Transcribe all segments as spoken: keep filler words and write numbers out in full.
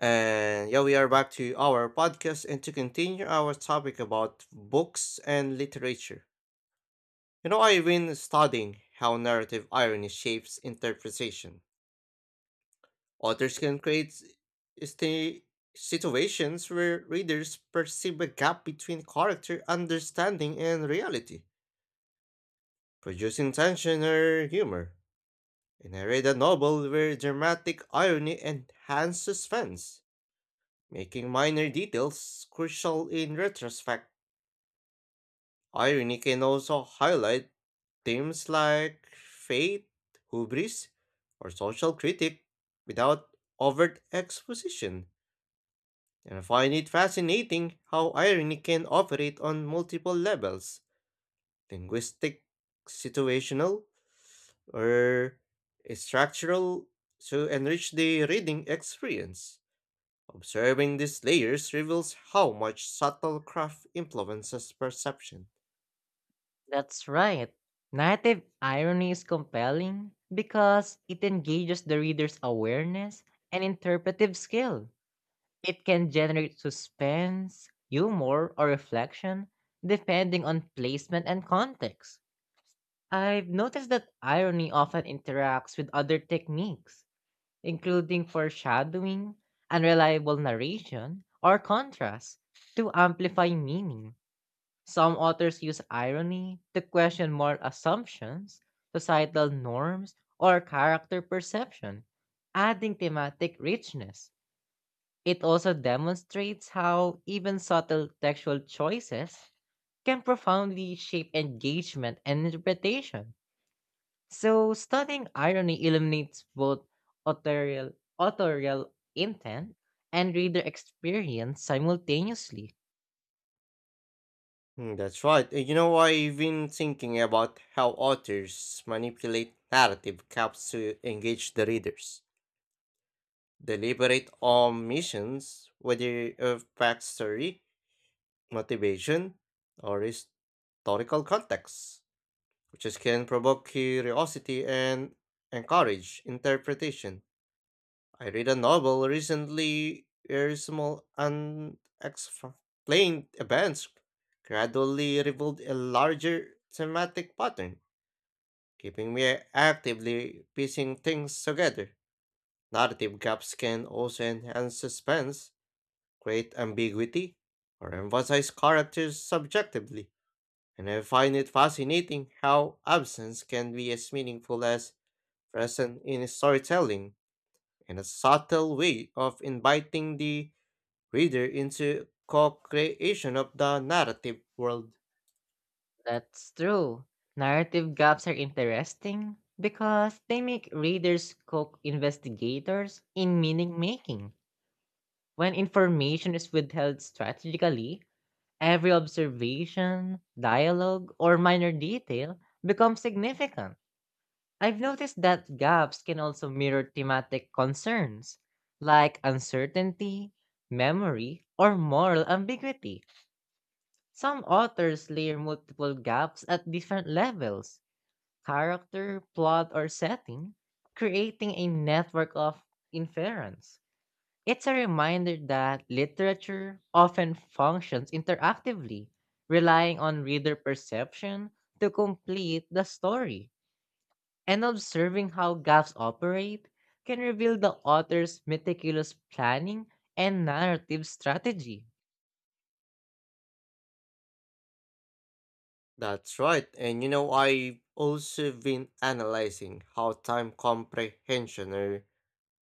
And yeah, we are back to our podcast and to continue our topic about books and literature. You know, I've been studying how narrative irony shapes interpretation. Authors can create sti- situations where readers perceive a gap between character understanding and reality, producing tension or humor. And I read a novel where dramatic irony enhances suspense, making minor details crucial in retrospect. Irony can also highlight themes like faith, hubris, or social critique without overt exposition. And I find it fascinating how irony can operate on multiple levels, linguistic, situational, or structural, to enrich the reading experience. Observing these layers reveals how much subtle craft influences perception. That's right. Native irony is compelling because it engages the reader's awareness and interpretive skill. It can generate suspense, humor, or reflection depending on placement and context. I've noticed that irony often interacts with other techniques, including foreshadowing, unreliable narration, or contrast, to amplify meaning. Some authors use irony to question moral assumptions, societal norms, or character perception, adding thematic richness. It also demonstrates how even subtle textual choices can profoundly shape engagement and interpretation. So, studying irony illuminates both authorial, authorial intent and reader experience simultaneously. Hmm. That's right. Uh, You know, I've been thinking about how authors manipulate narrative caps to engage the readers. Deliberate omissions, whether of backstory, motivation, or historical context, which is can provoke curiosity and encourage interpretation. I read a novel recently where small unexplained events gradually revealed a larger thematic pattern, keeping me actively piecing things together. Narrative gaps can also enhance suspense, create ambiguity, or emphasize characters subjectively. And I find it fascinating how absence can be as meaningful as present in storytelling, and a subtle way of inviting the reader into co-creation of the narrative world. That's true. Narrative gaps are interesting because they make readers cook investigators in meaning making. When information is withheld strategically, every observation, dialogue, or minor detail becomes significant. I've noticed that gaps can also mirror thematic concerns like uncertainty, memory, or moral ambiguity. Some authors layer multiple gaps at different levels character, plot, or setting, creating a network of inference. It's a reminder that literature often functions interactively, relying on reader perception to complete the story, and observing how gaps operate can reveal the author's meticulous planning and narrative strategy. That's right. And you know, I've also been analyzing how time comprehension or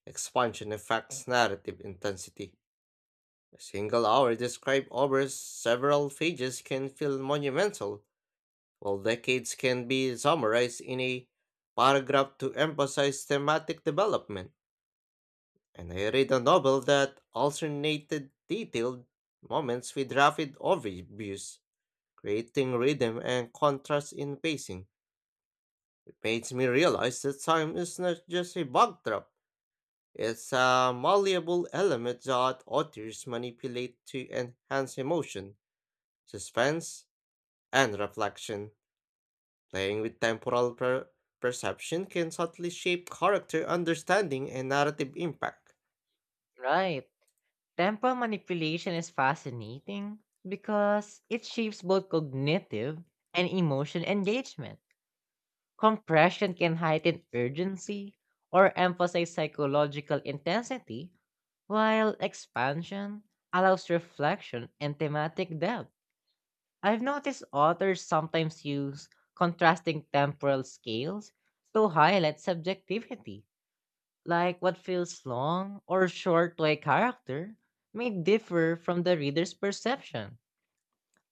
expansion affects narrative intensity. A single hour described over several pages can feel monumental, while decades can be summarized in a paragraph to emphasize thematic development. And I read a novel that alternated detailed moments with rapid overviews, creating rhythm and contrast in pacing. It makes me realize that time is not just a backdrop, it's a malleable element that authors manipulate to enhance emotion, suspense, and reflection. Playing with temporal per- perception can subtly shape character understanding and narrative impact. Right. Temporal manipulation is fascinating because it shapes both cognitive and emotion engagement. Compression can heighten urgency or emphasize psychological intensity, while expansion allows reflection and thematic depth. I've noticed authors sometimes use contrasting temporal scales to highlight subjectivity, like what feels long or short to a character may differ from the reader's perception.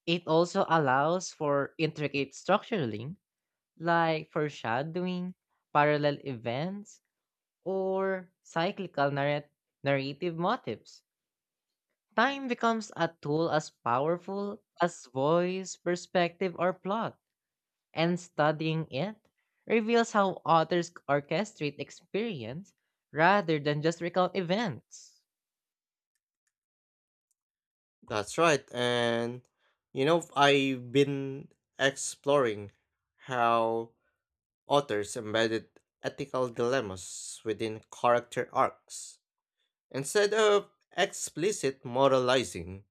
It also allows for intricate structuring, like foreshadowing, parallel events, or cyclical narrat- narrative motifs. Time becomes a tool as powerful as voice, perspective, or plot, and studying it reveals how authors orchestrate experience rather than just recount events. That's right. And you know, I've been exploring how authors embedded ethical dilemmas within character arcs. Instead of explicit moralizing,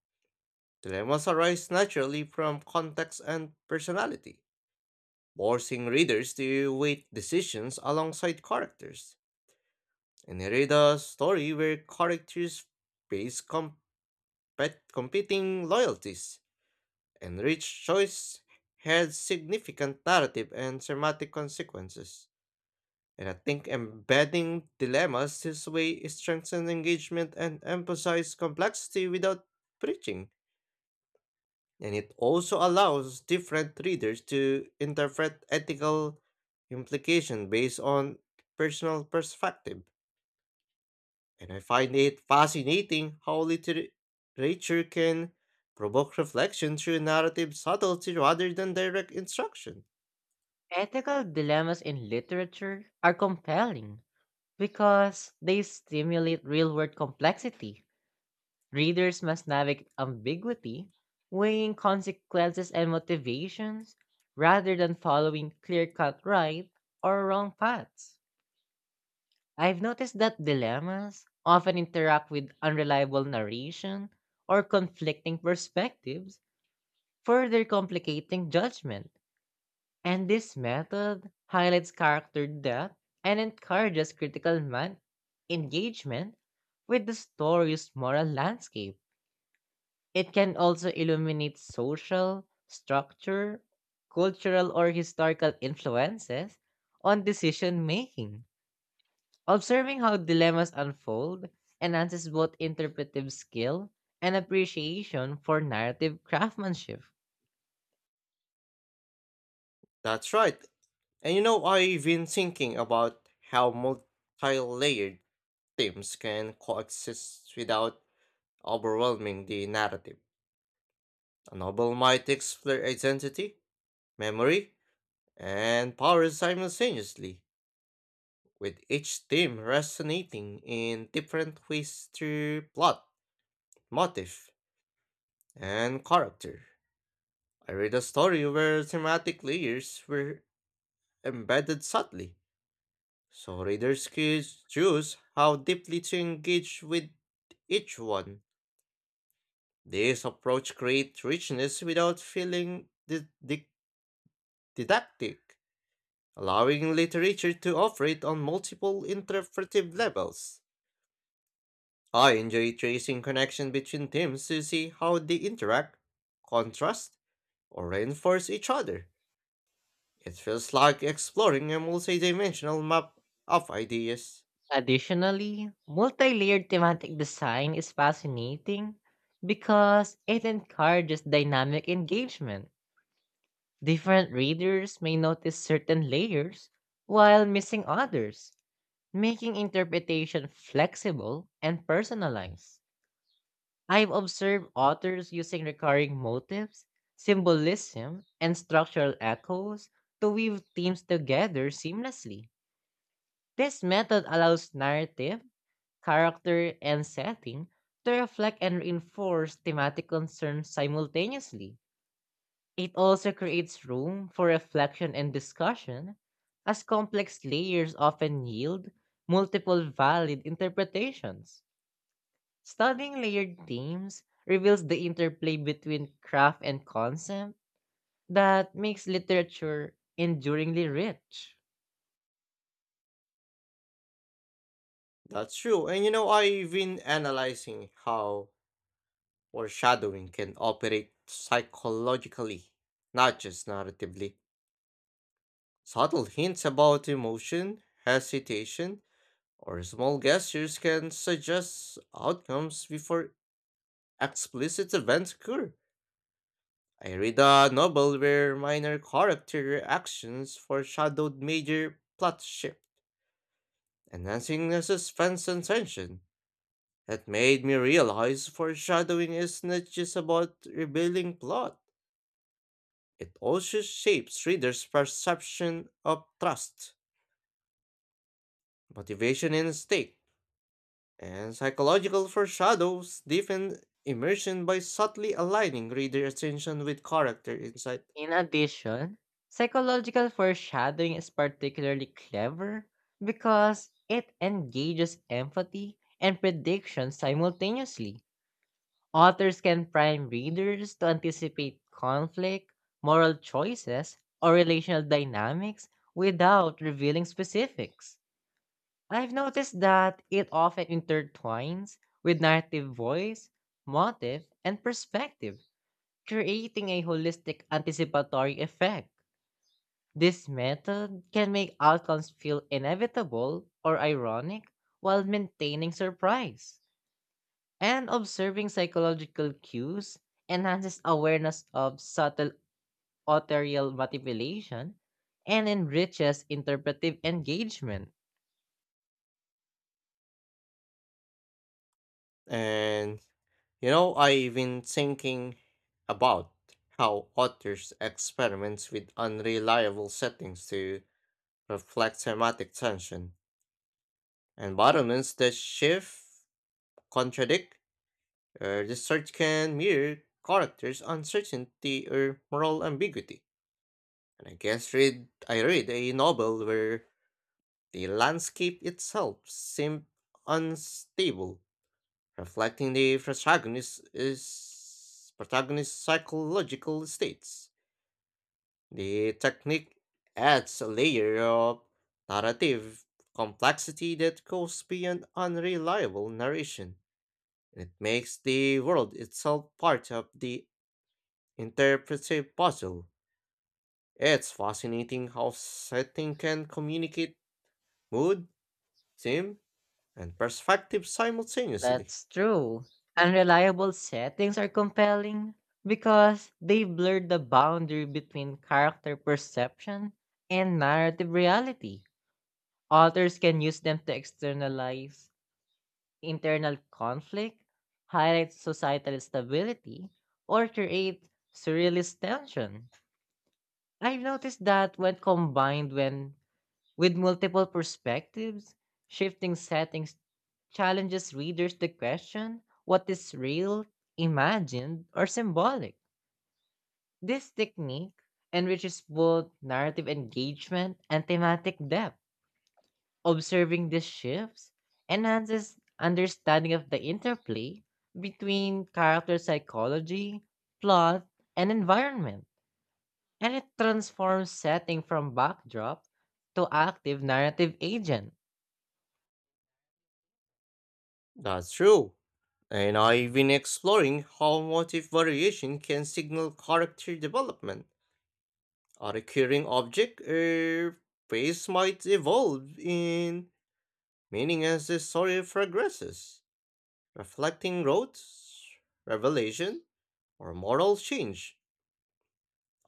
dilemmas arise naturally from context and personality, forcing readers to weight decisions alongside characters. And I read a story where characters face compet- competing loyalties, and each choice has significant narrative and thematic consequences. And I think embedding dilemmas this way strengthens engagement and emphasizes complexity without preaching. And it also allows different readers to interpret ethical implication based on personal perspective. And I find it fascinating how literature can provoke reflection through narrative subtlety rather than direct instruction. Ethical dilemmas in literature are compelling because they stimulate real world complexity. Readers must navigate ambiguity, weighing consequences and motivations, rather than following clear cut right or wrong paths. I've noticed that dilemmas often interact with unreliable narration or conflicting perspectives, further complicating judgment. And this method highlights character depth and encourages critical man engagement with the story's moral landscape. It can also illuminate social, structure, cultural, or historical influences on decision making. Observing how dilemmas unfold enhances both interpretive skill and appreciation for narrative craftsmanship. That's right. And you know, I've been thinking about how multi layered themes can coexist without overwhelming the narrative. A novel might explore identity, memory, and power simultaneously, with each theme resonating in different ways through plot, motif, and character. I read a story where thematic layers were embedded subtly, so readers could choose how deeply to engage with each one. This approach creates richness without feeling di- di- didactic, allowing literature to operate on multiple interpretive levels. I enjoy tracing connection between themes to see how they interact, contrast, or reinforce each other. It feels like exploring a multi-dimensional map of ideas. Additionally, multi-layered thematic design is fascinating because it encourages dynamic engagement. Different readers may notice certain layers while missing others, making interpretation flexible and personalized. I've observed authors using recurring motifs, symbolism, and structural echoes to weave themes together seamlessly. This method allows narrative character, and setting to reflect and reinforce thematic concerns simultaneously. It also creates room for reflection and discussion, as complex layers often yield multiple valid interpretations. Studying layered themes reveals the interplay between craft and concept that makes literature enduringly rich. That's true, and you know, I've been analyzing how foreshadowing can operate psychologically, not just narratively. Subtle hints about emotion, hesitation, or small gestures can suggest outcomes before explicit events occur. I read a novel where minor character actions foreshadowed major plot shifts, enhancing the suspense and tension. It made me realize foreshadowing is not just about revealing plot, it also shapes readers' perception of trust, motivation, and stake. And psychological foreshadows deepen immersion by subtly aligning reader attention with character insight. In addition, psychological foreshadowing is particularly clever because it engages empathy and prediction simultaneously. Authors can prime readers to anticipate conflict, moral choices, or relational dynamics without revealing specifics. I've noticed that it often intertwines with narrative voice, motive, and perspective, creating a holistic anticipatory effect. This method can make outcomes feel inevitable or ironic while maintaining surprise. And observing psychological cues enhances awareness of subtle authorial manipulation and enriches interpretive engagement. And you know, I've been thinking about how authors experiments with unreliable settings to reflect thematic tension, and bottoms that shift, contradict, or distort can mirror characters' uncertainty or moral ambiguity. And I guess read I read a novel where the landscape itself seemed unstable, reflecting the protagonist protagonist's psychological states. The technique adds a layer of narrative complexity that goes beyond unreliable narration, it makes the world itself part of the interpretive puzzle. It's fascinating how setting can communicate mood, theme, and perspective simultaneously. That's true. Unreliable settings are compelling because they blur the boundary between character perception and narrative reality. Authors can use them to externalize internal conflict, highlight societal stability, or create surrealist tension. I've noticed that when combined when with multiple perspectives, shifting settings challenges readers to question what is real, imagined, or symbolic. This technique enriches both narrative engagement and thematic depth. Observing these shifts enhances understanding of the interplay between character psychology, plot, and environment, and it transforms setting from backdrop to active narrative agent. That's true. And I've been exploring how motif variation can signal character development. A recurring object or phase might evolve in meaning as the story progresses, reflecting growth, revelation, or moral change.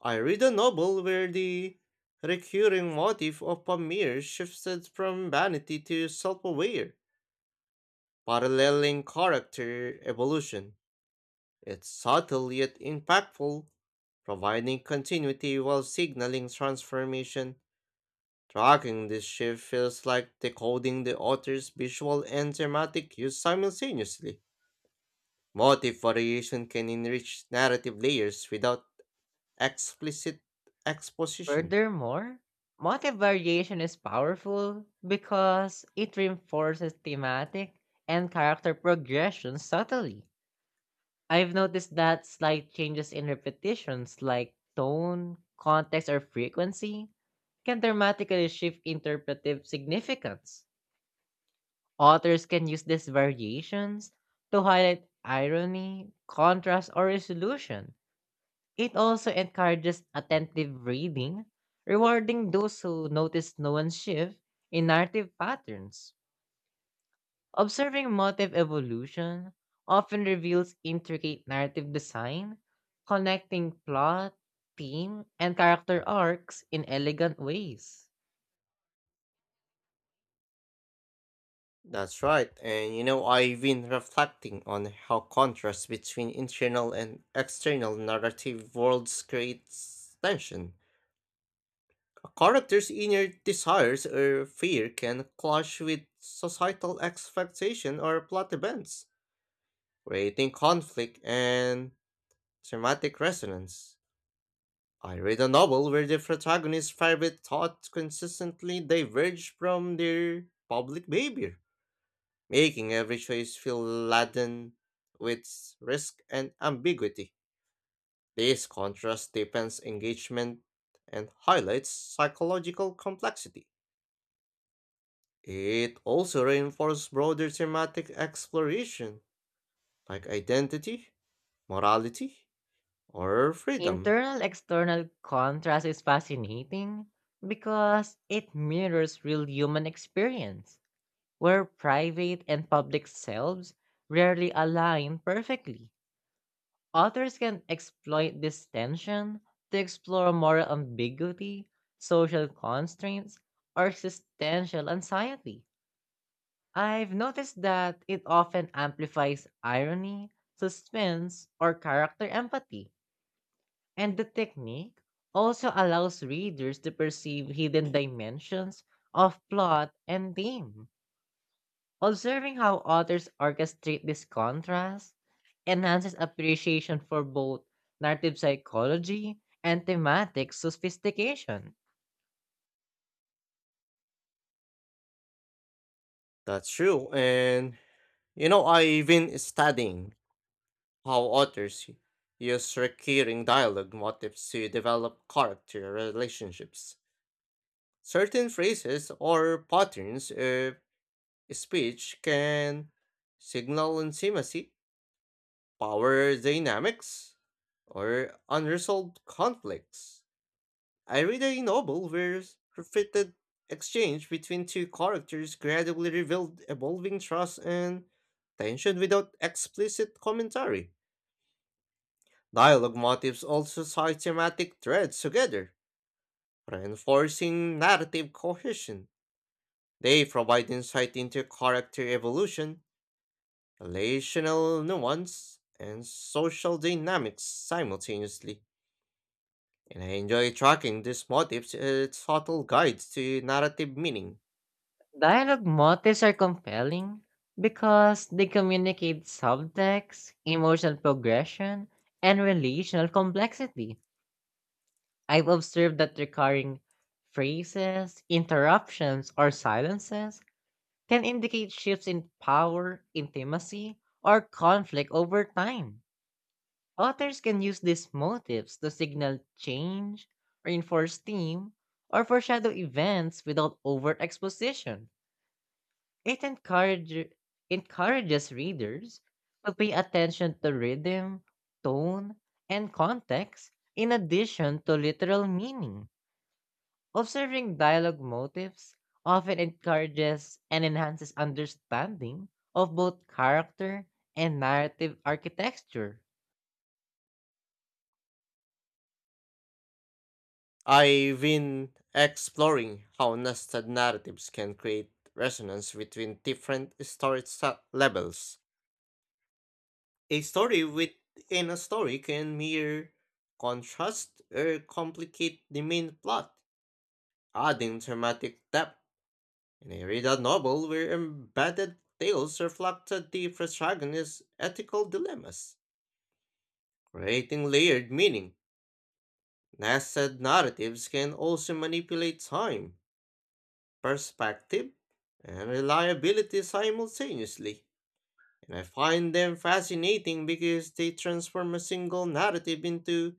I read a novel where the recurring motif of Pamir shifted from vanity to self aware, paralleling character evolution. It's subtle yet impactful, providing continuity while signaling transformation. Tracking this shift feels like decoding the author's visual and thematic use simultaneously. Motive variation can enrich narrative layers without explicit exposition. Furthermore, motive variation is powerful because it reinforces thematic and character progression subtly. I've noticed that slight changes in repetitions like tone, context, or frequency can dramatically shift interpretive significance. Authors can use these variations to highlight irony, contrast, or resolution. It also encourages attentive reading, rewarding those who notice nuanced shift in narrative patterns. Observing motive evolution often reveals intricate narrative design, connecting plot, theme, and character arcs in elegant ways. That's right, and you know, I've been reflecting on how contrast between internal and external narrative worlds creates tension. A character's inner desires or fear can clash with societal expectation or plot events, creating conflict and thematic resonance. I read a novel where the protagonist's private thoughts consistently diverge from their public behavior, making every choice feel laden with risk and ambiguity. This contrast deepens engagement and highlights psychological complexity. It also reinforces broader thematic exploration, like identity, morality, or freedom. Internal external contrast is fascinating because it mirrors real human experience where private and public selves rarely align perfectly. Authors can exploit this tension to explore moral ambiguity, social constraints, or existential anxiety. I've noticed that it often amplifies irony, suspense, or character empathy. And the technique also allows readers to perceive hidden dimensions of plot and theme. Observing how authors orchestrate this contrast enhances appreciation for both narrative psychology and thematic sophistication. That's true. And, you know, I've been studying how authors y- use recurring dialogue motifs to develop character relationships. Certain phrases or patterns of speech can signal intimacy, power dynamics, or unresolved conflicts. I read a novel where s- repeated exchange between two characters gradually revealed evolving trust and tension without explicit commentary. Dialogue motifs also tie thematic threads together, reinforcing narrative cohesion. They provide insight into character evolution, relational nuance, and social dynamics simultaneously. And I enjoy tracking these motifs as subtle guides to narrative meaning. Dialogue motifs are compelling because they communicate subtext, emotional progression, and relational complexity. I've observed that recurring phrases, interruptions, or silences can indicate shifts in power, intimacy, or conflict over time. Authors can use these motifs to signal change, reinforce theme, or foreshadow events without overexposition. It encourage, encourages readers to pay attention to rhythm, tone, and context in addition to literal meaning. Observing dialogue motifs often encourages and enhances understanding of both character and narrative architecture. I've been exploring how nested narratives can create resonance between different storage sa- levels. A story within a story can mirror, contrast, or complicate the main plot, adding dramatic depth. In a read a novel where embedded tales reflected the protagonist's ethical dilemmas, creating layered meaning. Nested narratives can also manipulate time, perspective, and reliability simultaneously. And I find them fascinating because they transform a single narrative into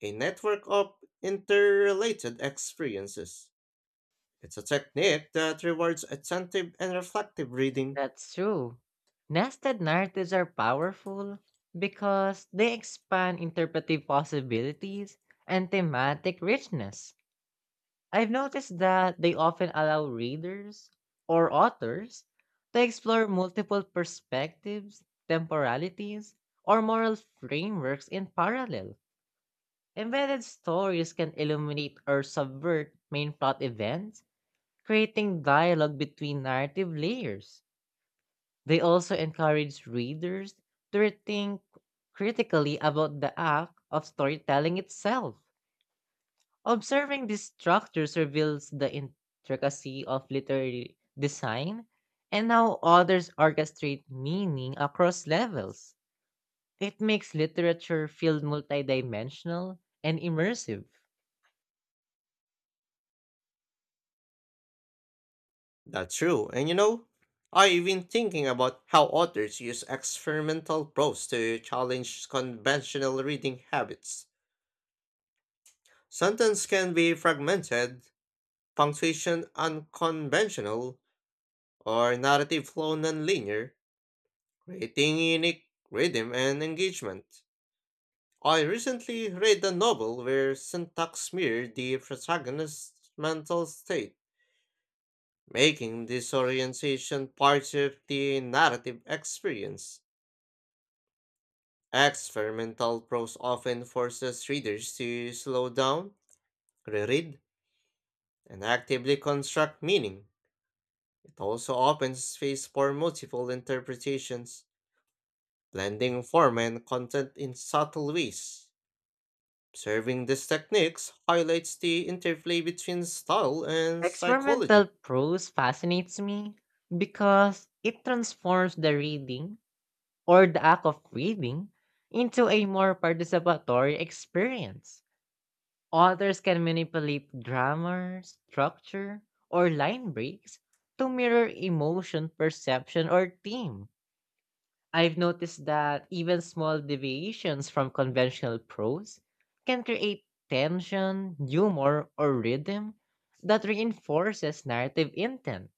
a network of interrelated experiences. It's a technique that rewards attentive and reflective reading. That's true. Nested narratives are powerful because they expand interpretive possibilities and thematic richness. I've noticed that they often allow readers or authors to explore multiple perspectives, temporalities, or moral frameworks in parallel. Embedded stories can illuminate or subvert main plot events, creating dialogue between narrative layers. They also encourage readers to think critically about the act of storytelling itself. Observing these structures reveals the intricacy of literary design and how authors orchestrate meaning across levels. It makes literature feel multidimensional and immersive. That's true, and you know, I've been thinking about how authors use experimental prose to challenge conventional reading habits. Sentence can be fragmented, punctuation unconventional, or narrative flow nonlinear, creating unique rhythm and engagement. I recently read a novel where syntax mirrored the protagonist's mental state, making disorientation part of the narrative experience. Experimental prose often forces readers to slow down, reread, and actively construct meaning. It also opens space for multiple interpretations, blending form and content in subtle ways. Observing these techniques highlights the interplay between style and Experimental psychology. prose fascinates me because it transforms the reading or the act of reading into a more participatory experience. Authors can manipulate grammar, structure, or line breaks to mirror emotion, perception, or theme. I've noticed that even small deviations from conventional prose can create tension, humor, or rhythm that reinforces narrative intent.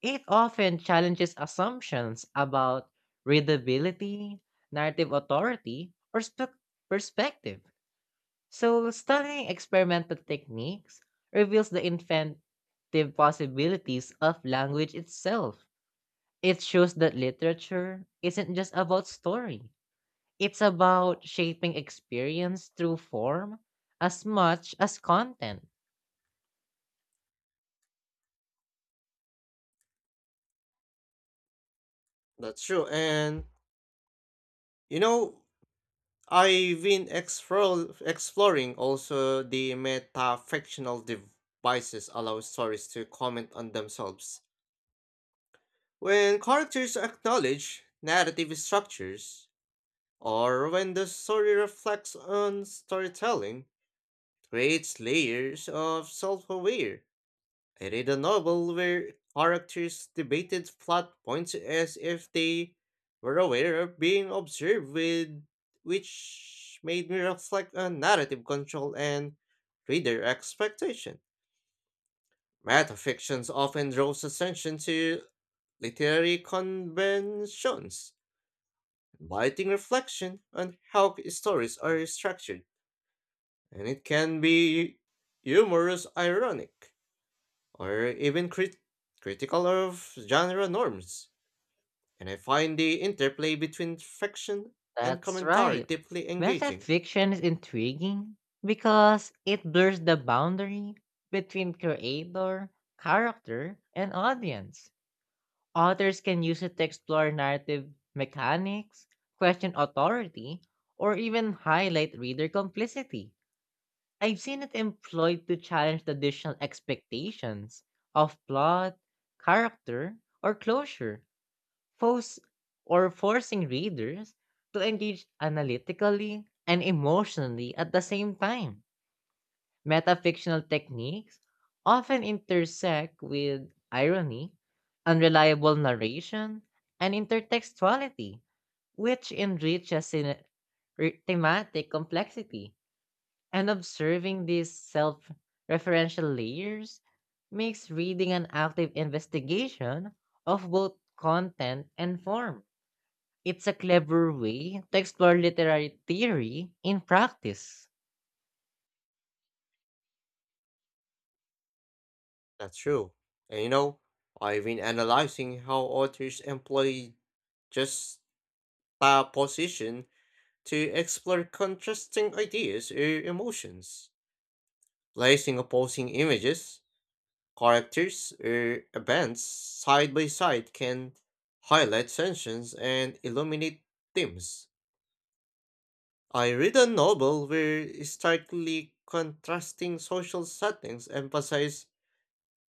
It often challenges assumptions about readability, narrative authority, or spec perspective. So, studying experimental techniques reveals the inventive possibilities of language itself. It shows that literature isn't just about story, it's about shaping experience through form as much as content. That's true. And, you know, I've been explore, exploring also the metafictional devices allow stories to comment on themselves. When characters acknowledge narrative structures, or when the story reflects on storytelling, creates layers of self-aware. I read a novel where characters debated plot points as if they were aware of being observed with, which made me reflect on narrative control and reader expectation. Metafictions often draws attention to literary conventions, inviting reflection on how stories are structured, and it can be humorous, ironic, or even crit- critical of genre norms, and I find the interplay between fiction and That's commentary right. deeply engaging. Metafiction is intriguing because it blurs the boundary between creator, character, and audience. Authors can use it to explore narrative mechanics, question authority, or even highlight reader complicity. I've seen it employed to challenge traditional expectations of plot, character, or closure, force or forcing readers to engage analytically and emotionally at the same time. Metafictional techniques often intersect with irony, unreliable narration, and intertextuality, which enriches cine- re- thematic complexity. And observing these self referential layers makes reading an active investigation of both content and form. It's a clever way to explore literary theory in practice. That's true. And you know, I've been analyzing how authors employ just a position to explore contrasting ideas or emotions. Placing opposing images, characters, or events side by side can highlight tensions and illuminate themes. I read a novel where starkly contrasting social settings emphasize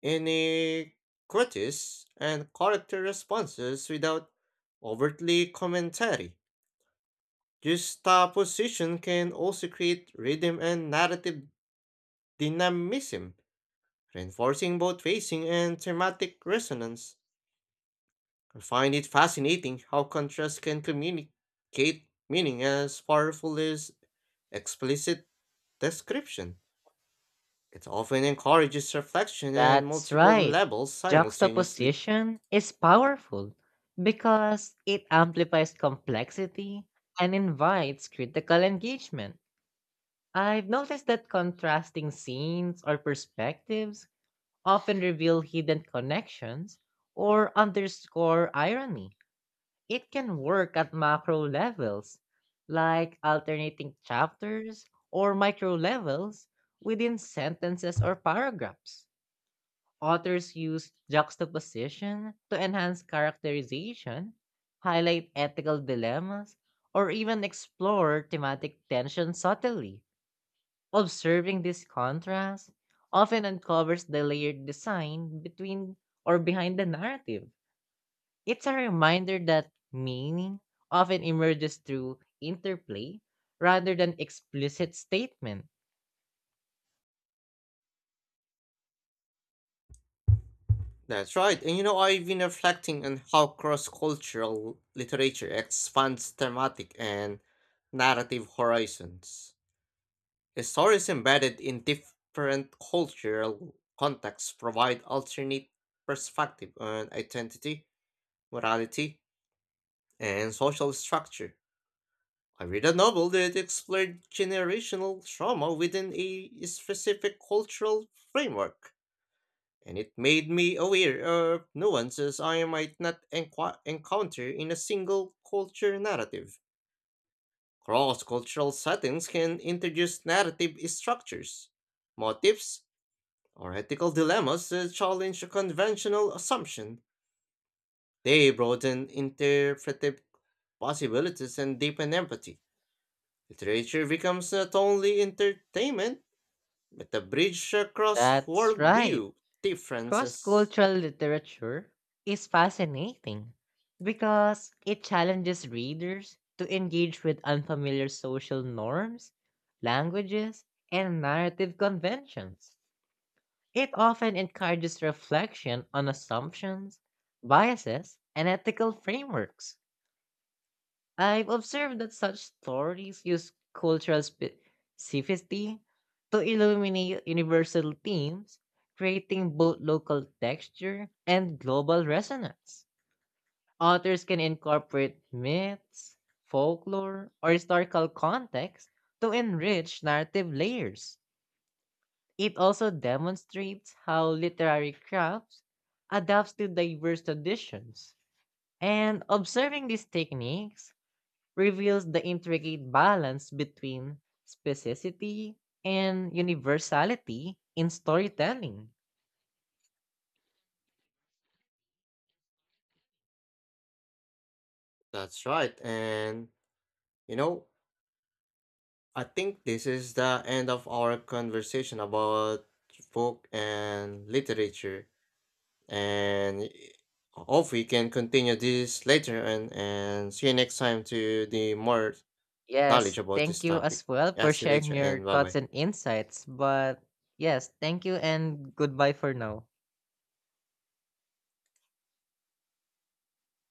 inequities and character responses without overtly commentary. Juxtaposition can also create rhythm and narrative dynamism, reinforcing both facing and thematic resonance. I find it fascinating how contrast can communicate meaning as powerful as explicit description. It often encourages reflection and That's multiple right. levels simultaneously. Juxtaposition is powerful because it amplifies complexity and invites critical engagement. I've noticed that contrasting scenes or perspectives often reveal hidden connections or underscore irony. It can work at macro levels, like alternating chapters or micro levels within sentences or paragraphs. Authors use juxtaposition to enhance characterization, highlight ethical dilemmas, or even explore thematic tension subtly. Observing this contrast often uncovers the layered design between or behind the narrative. It's a reminder that meaning often emerges through interplay rather than explicit statement. That's right, and you know, I've been reflecting on how cross cultural literature expands thematic and narrative horizons. The stories embedded in different cultural contexts provide alternate perspective on identity, morality, and social structure. I read a novel that explored generational trauma within a specific cultural framework, and it made me aware of nuances I might not enqu- encounter in a single culture narrative. Cross cultural settings can introduce narrative structures, motifs, or ethical dilemmas, uh, challenge a conventional assumption. They broaden interpretive possibilities and deepen empathy. Literature becomes not only entertainment, but a bridge across That's right. worldview Cross differences. cultural literature is fascinating because it challenges readers to engage with unfamiliar social norms, languages, and narrative conventions. It often encourages reflection on assumptions, biases, and ethical frameworks. I've observed that such stories use cultural spe- specificity to illuminate universal themes, creating both local texture and global resonance. Authors can incorporate myths, folklore, or historical context to enrich narrative layers. It also demonstrates how literary crafts adapts to diverse traditions. And observing these techniques reveals the intricate balance between specificity and universality in storytelling. That's right, and you know, I think this is the end of our conversation about book and literature. And y- hope we can continue this later and, and see you next time to the more knowledge Yes, about thank this you as topic. well Yeah, for see you sharing later your and bye thoughts bye. and insights. But yes, thank you and goodbye for now.